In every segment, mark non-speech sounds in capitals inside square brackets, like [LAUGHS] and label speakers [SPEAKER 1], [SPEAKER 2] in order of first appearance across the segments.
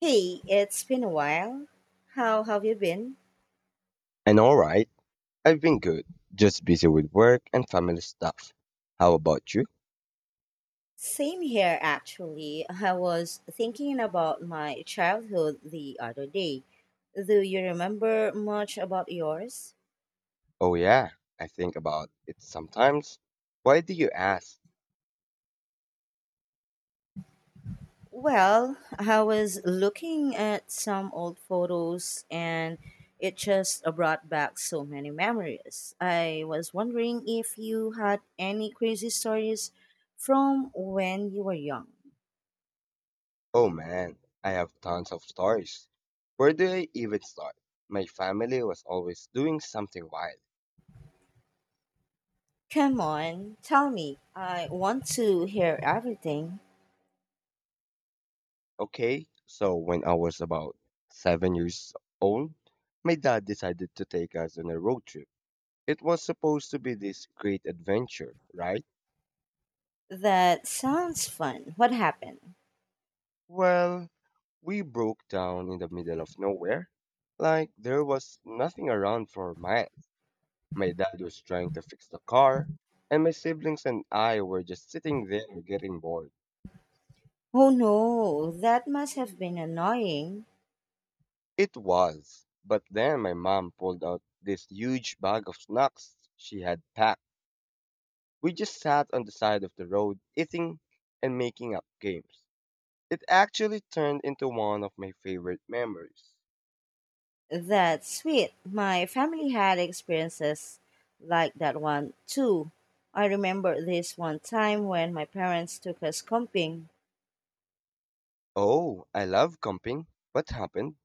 [SPEAKER 1] Hey, it's been a while. How have you been?
[SPEAKER 2] And alright, I've been good. Just busy with work and family stuff. How about you?
[SPEAKER 1] Same here, actually. I was thinking about my childhood the other day. Do you remember much about yours?
[SPEAKER 2] Oh yeah, I think about it sometimes. Why do you ask?
[SPEAKER 1] Well, I was looking at some old photos and it just brought back so many memories. I was wondering if you had any crazy stories from when you were young.
[SPEAKER 2] Oh man, I have tons of stories. Where do I even start? My family was always doing something wild.
[SPEAKER 1] Come on, tell me. I want to hear everything.
[SPEAKER 2] Okay, so when I was about 7 years old, my dad decided to take us on a road trip. It was supposed to be this great adventure, right?
[SPEAKER 1] That sounds fun. What happened?
[SPEAKER 2] Well, we broke down in the middle of nowhere, like there was nothing around for miles. My dad was trying to fix the car, and my siblings and I were just sitting there getting bored.
[SPEAKER 1] Oh no, that must have been annoying.
[SPEAKER 2] It was, but then my mom pulled out this huge bag of snacks she had packed. We just sat on the side of the road eating and making up games. It actually turned into one of my favorite memories.
[SPEAKER 1] That's sweet. My family had experiences like that one too. I remember this one time when my parents took us camping.
[SPEAKER 2] Oh, I love camping. What happened?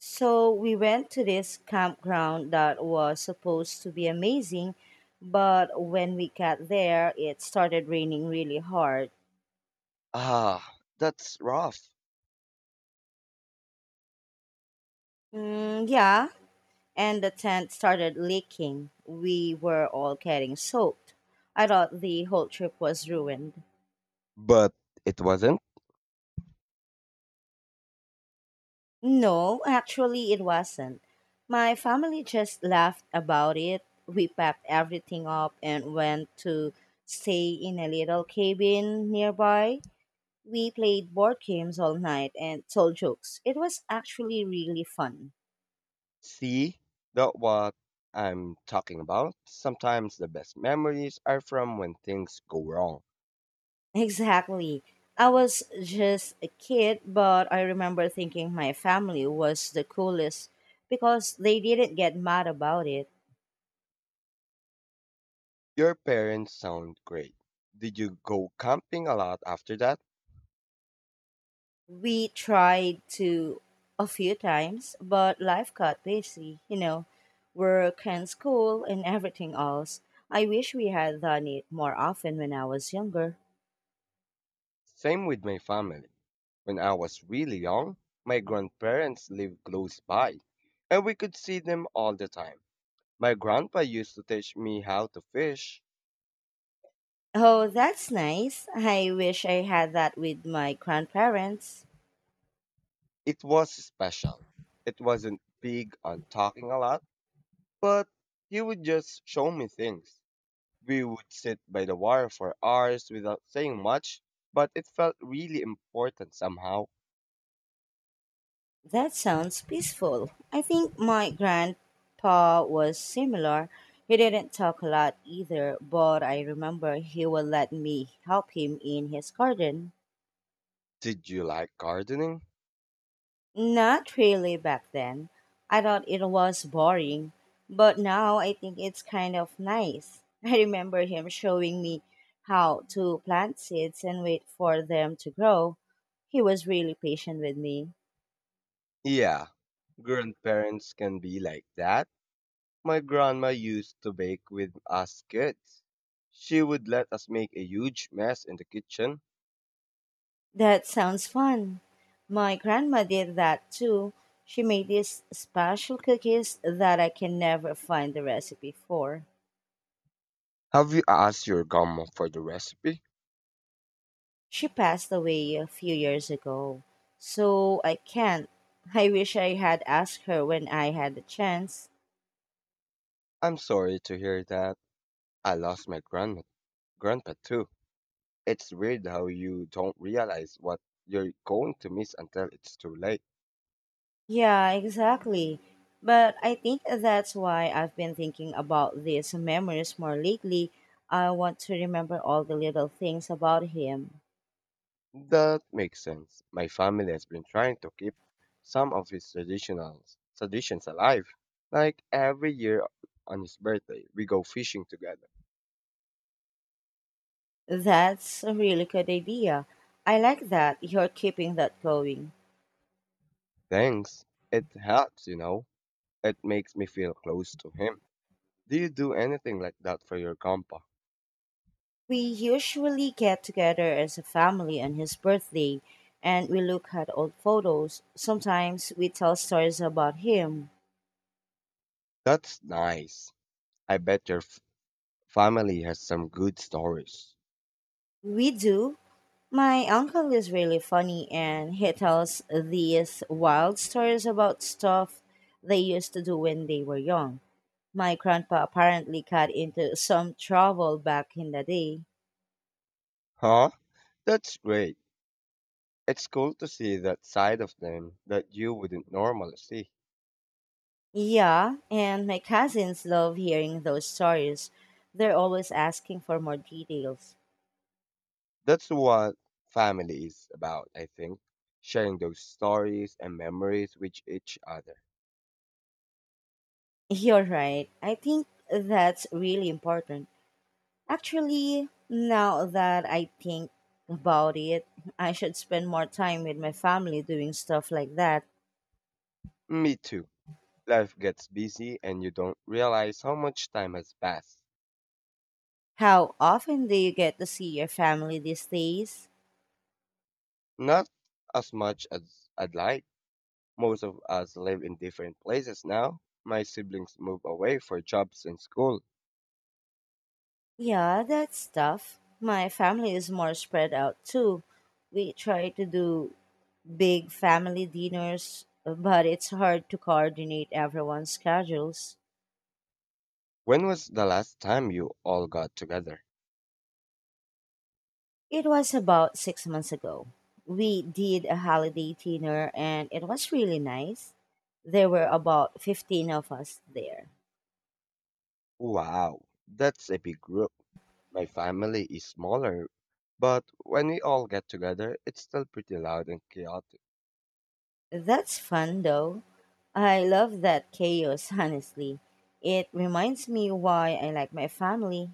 [SPEAKER 1] So we went to this campground that was supposed to be amazing, but when we got there, it started raining really hard.
[SPEAKER 2] Ah, that's rough.
[SPEAKER 1] Mm, yeah, and the tent started leaking. We were all getting soaked. I thought the whole trip was ruined.
[SPEAKER 2] But it wasn't.
[SPEAKER 1] No, actually, it wasn't. My family just laughed about it. We packed everything up and went to stay in a little cabin nearby. We played board games all night and told jokes. It was actually really fun.
[SPEAKER 2] See, that's what I'm talking about. Sometimes the best memories are from when things go wrong.
[SPEAKER 1] Exactly. I was just a kid, but I remember thinking my family was the coolest because they didn't get mad about it.
[SPEAKER 2] Your parents sound great. Did you go camping a lot after that?
[SPEAKER 1] We tried to a few times, but life got busy, work and school and everything else. I wish we had done it more often when I was younger.
[SPEAKER 2] Same with my family. When I was really young, my grandparents lived close by, and we could see them all the time. My grandpa used to teach me how to fish.
[SPEAKER 1] Oh, that's nice. I wish I had that with my grandparents.
[SPEAKER 2] It was special. It wasn't big on talking a lot, but he would just show me things. We would sit by the water for hours without saying much, but it felt really important somehow.
[SPEAKER 1] That sounds peaceful. I think my grandpa was similar. He didn't talk a lot either, but I remember he would let me help him in his garden.
[SPEAKER 2] Did you like gardening?
[SPEAKER 1] Not really back then. I thought it was boring, but now I think it's kind of nice. [LAUGHS] I remember him showing me how to plant seeds and wait for them to grow. He was really patient with me.
[SPEAKER 2] Yeah, grandparents can be like that. My grandma used to bake with us kids. She would let us make a huge mess in the kitchen.
[SPEAKER 1] That sounds fun. My grandma did that too. She made these special cookies that I can never find the recipe for.
[SPEAKER 2] Have you asked your grandma for the recipe?
[SPEAKER 1] She passed away a few years ago, so I can't. I wish I had asked her when I had the chance.
[SPEAKER 2] I'm sorry to hear that. I lost my grandma, grandpa too. It's weird how you don't realize what you're going to miss until it's too late.
[SPEAKER 1] Yeah, exactly. But I think that's why I've been thinking about these memories more lately. I want to remember all the little things about him.
[SPEAKER 2] That makes sense. My family has been trying to keep some of his traditions alive. Like every year on his birthday, we go fishing together.
[SPEAKER 1] That's a really good idea. I like that you're keeping that going.
[SPEAKER 2] Thanks. It helps, you know. It makes me feel close to him. Do you do anything like that for your compa?
[SPEAKER 1] We usually get together as a family on his birthday and we look at old photos. Sometimes we tell stories about him.
[SPEAKER 2] That's nice. I bet your family has some good stories.
[SPEAKER 1] We do. My uncle is really funny and he tells these wild stories about stuff they used to do when they were young. My grandpa apparently got into some trouble back in the day.
[SPEAKER 2] Huh? That's great. It's cool to see that side of them that you wouldn't normally see.
[SPEAKER 1] Yeah, and my cousins love hearing those stories. They're always asking for more details.
[SPEAKER 2] That's what family is about, I think. Sharing those stories and memories with each other.
[SPEAKER 1] [LAUGHS] You're right. I think that's really important. Actually, now that I think about it, I should spend more time with my family doing stuff like that.
[SPEAKER 2] Me too. Life gets busy and you don't realize how much time has passed.
[SPEAKER 1] How often do you get to see your family these days?
[SPEAKER 2] Not as much as I'd like. Most of us live in different places now. My siblings move away for jobs and school.
[SPEAKER 1] Yeah, that's tough. My family is more spread out too. We try to do big family dinners, but it's hard to coordinate everyone's schedules.
[SPEAKER 2] When was the last time you all got together?
[SPEAKER 1] It was about 6 months ago. We did a holiday dinner and it was really nice. There were about 15 of us there.
[SPEAKER 2] Wow, that's a big group. My family is smaller, but when we all get together, it's still pretty loud and chaotic.
[SPEAKER 1] That's fun though. I love that chaos, [LAUGHS] honestly. It reminds me why I like my family.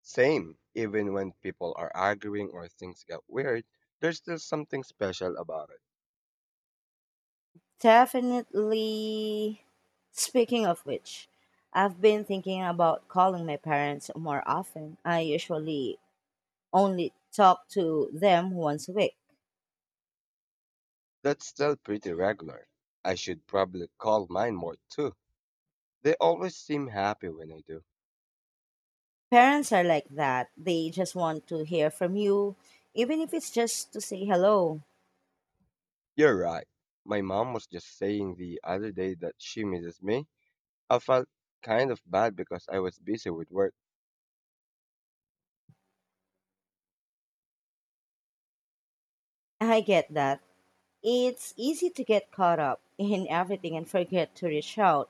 [SPEAKER 2] Same, even when people are arguing or things get weird, there's still something special about it.
[SPEAKER 1] Definitely. Speaking of which, I've been thinking about calling my parents more often. I usually only talk to them once a week.
[SPEAKER 2] That's still pretty regular. I should probably call mine more too. They always seem happy when I do.
[SPEAKER 1] Parents are like that. They just want to hear from you, even if it's just to say hello.
[SPEAKER 2] You're right. My mom was just saying the other day that she misses me. I felt kind of bad because I was busy with work.
[SPEAKER 1] I get that. It's easy to get caught up in everything and forget to reach out.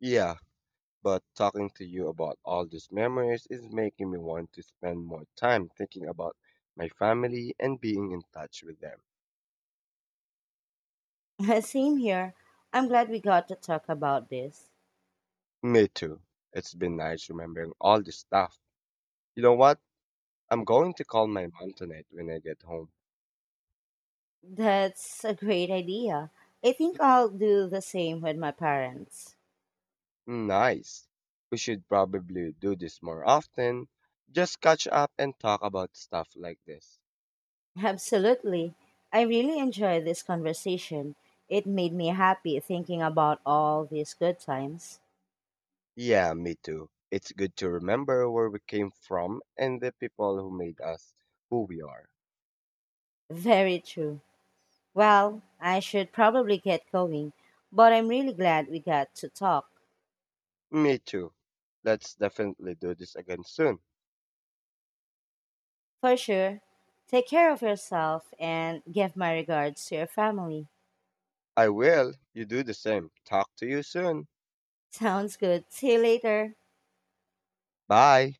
[SPEAKER 2] Yeah, but talking to you about all these memories is making me want to spend more time thinking about my family and being in touch with them.
[SPEAKER 1] [LAUGHS] Same here. I'm glad we got to talk about this.
[SPEAKER 2] Me too. It's been nice remembering all this stuff. You know what? I'm going to call my mom tonight when I get home.
[SPEAKER 1] That's a great idea. I think I'll do the same with my parents.
[SPEAKER 2] Nice. We should probably do this more often. Just catch up and talk about stuff like this.
[SPEAKER 1] Absolutely. I really enjoyed this conversation. It made me happy thinking about all these good times.
[SPEAKER 2] Yeah, me too. It's good to remember where we came from and the people who made us who we are.
[SPEAKER 1] Very true. Well, I should probably get going, but I'm really glad we got to talk.
[SPEAKER 2] Me too. Let's definitely do this again soon.
[SPEAKER 1] For sure. Take care of yourself and give my regards to your family.
[SPEAKER 2] I will. You do the same. Talk to you soon.
[SPEAKER 1] Sounds good. See you later.
[SPEAKER 2] Bye.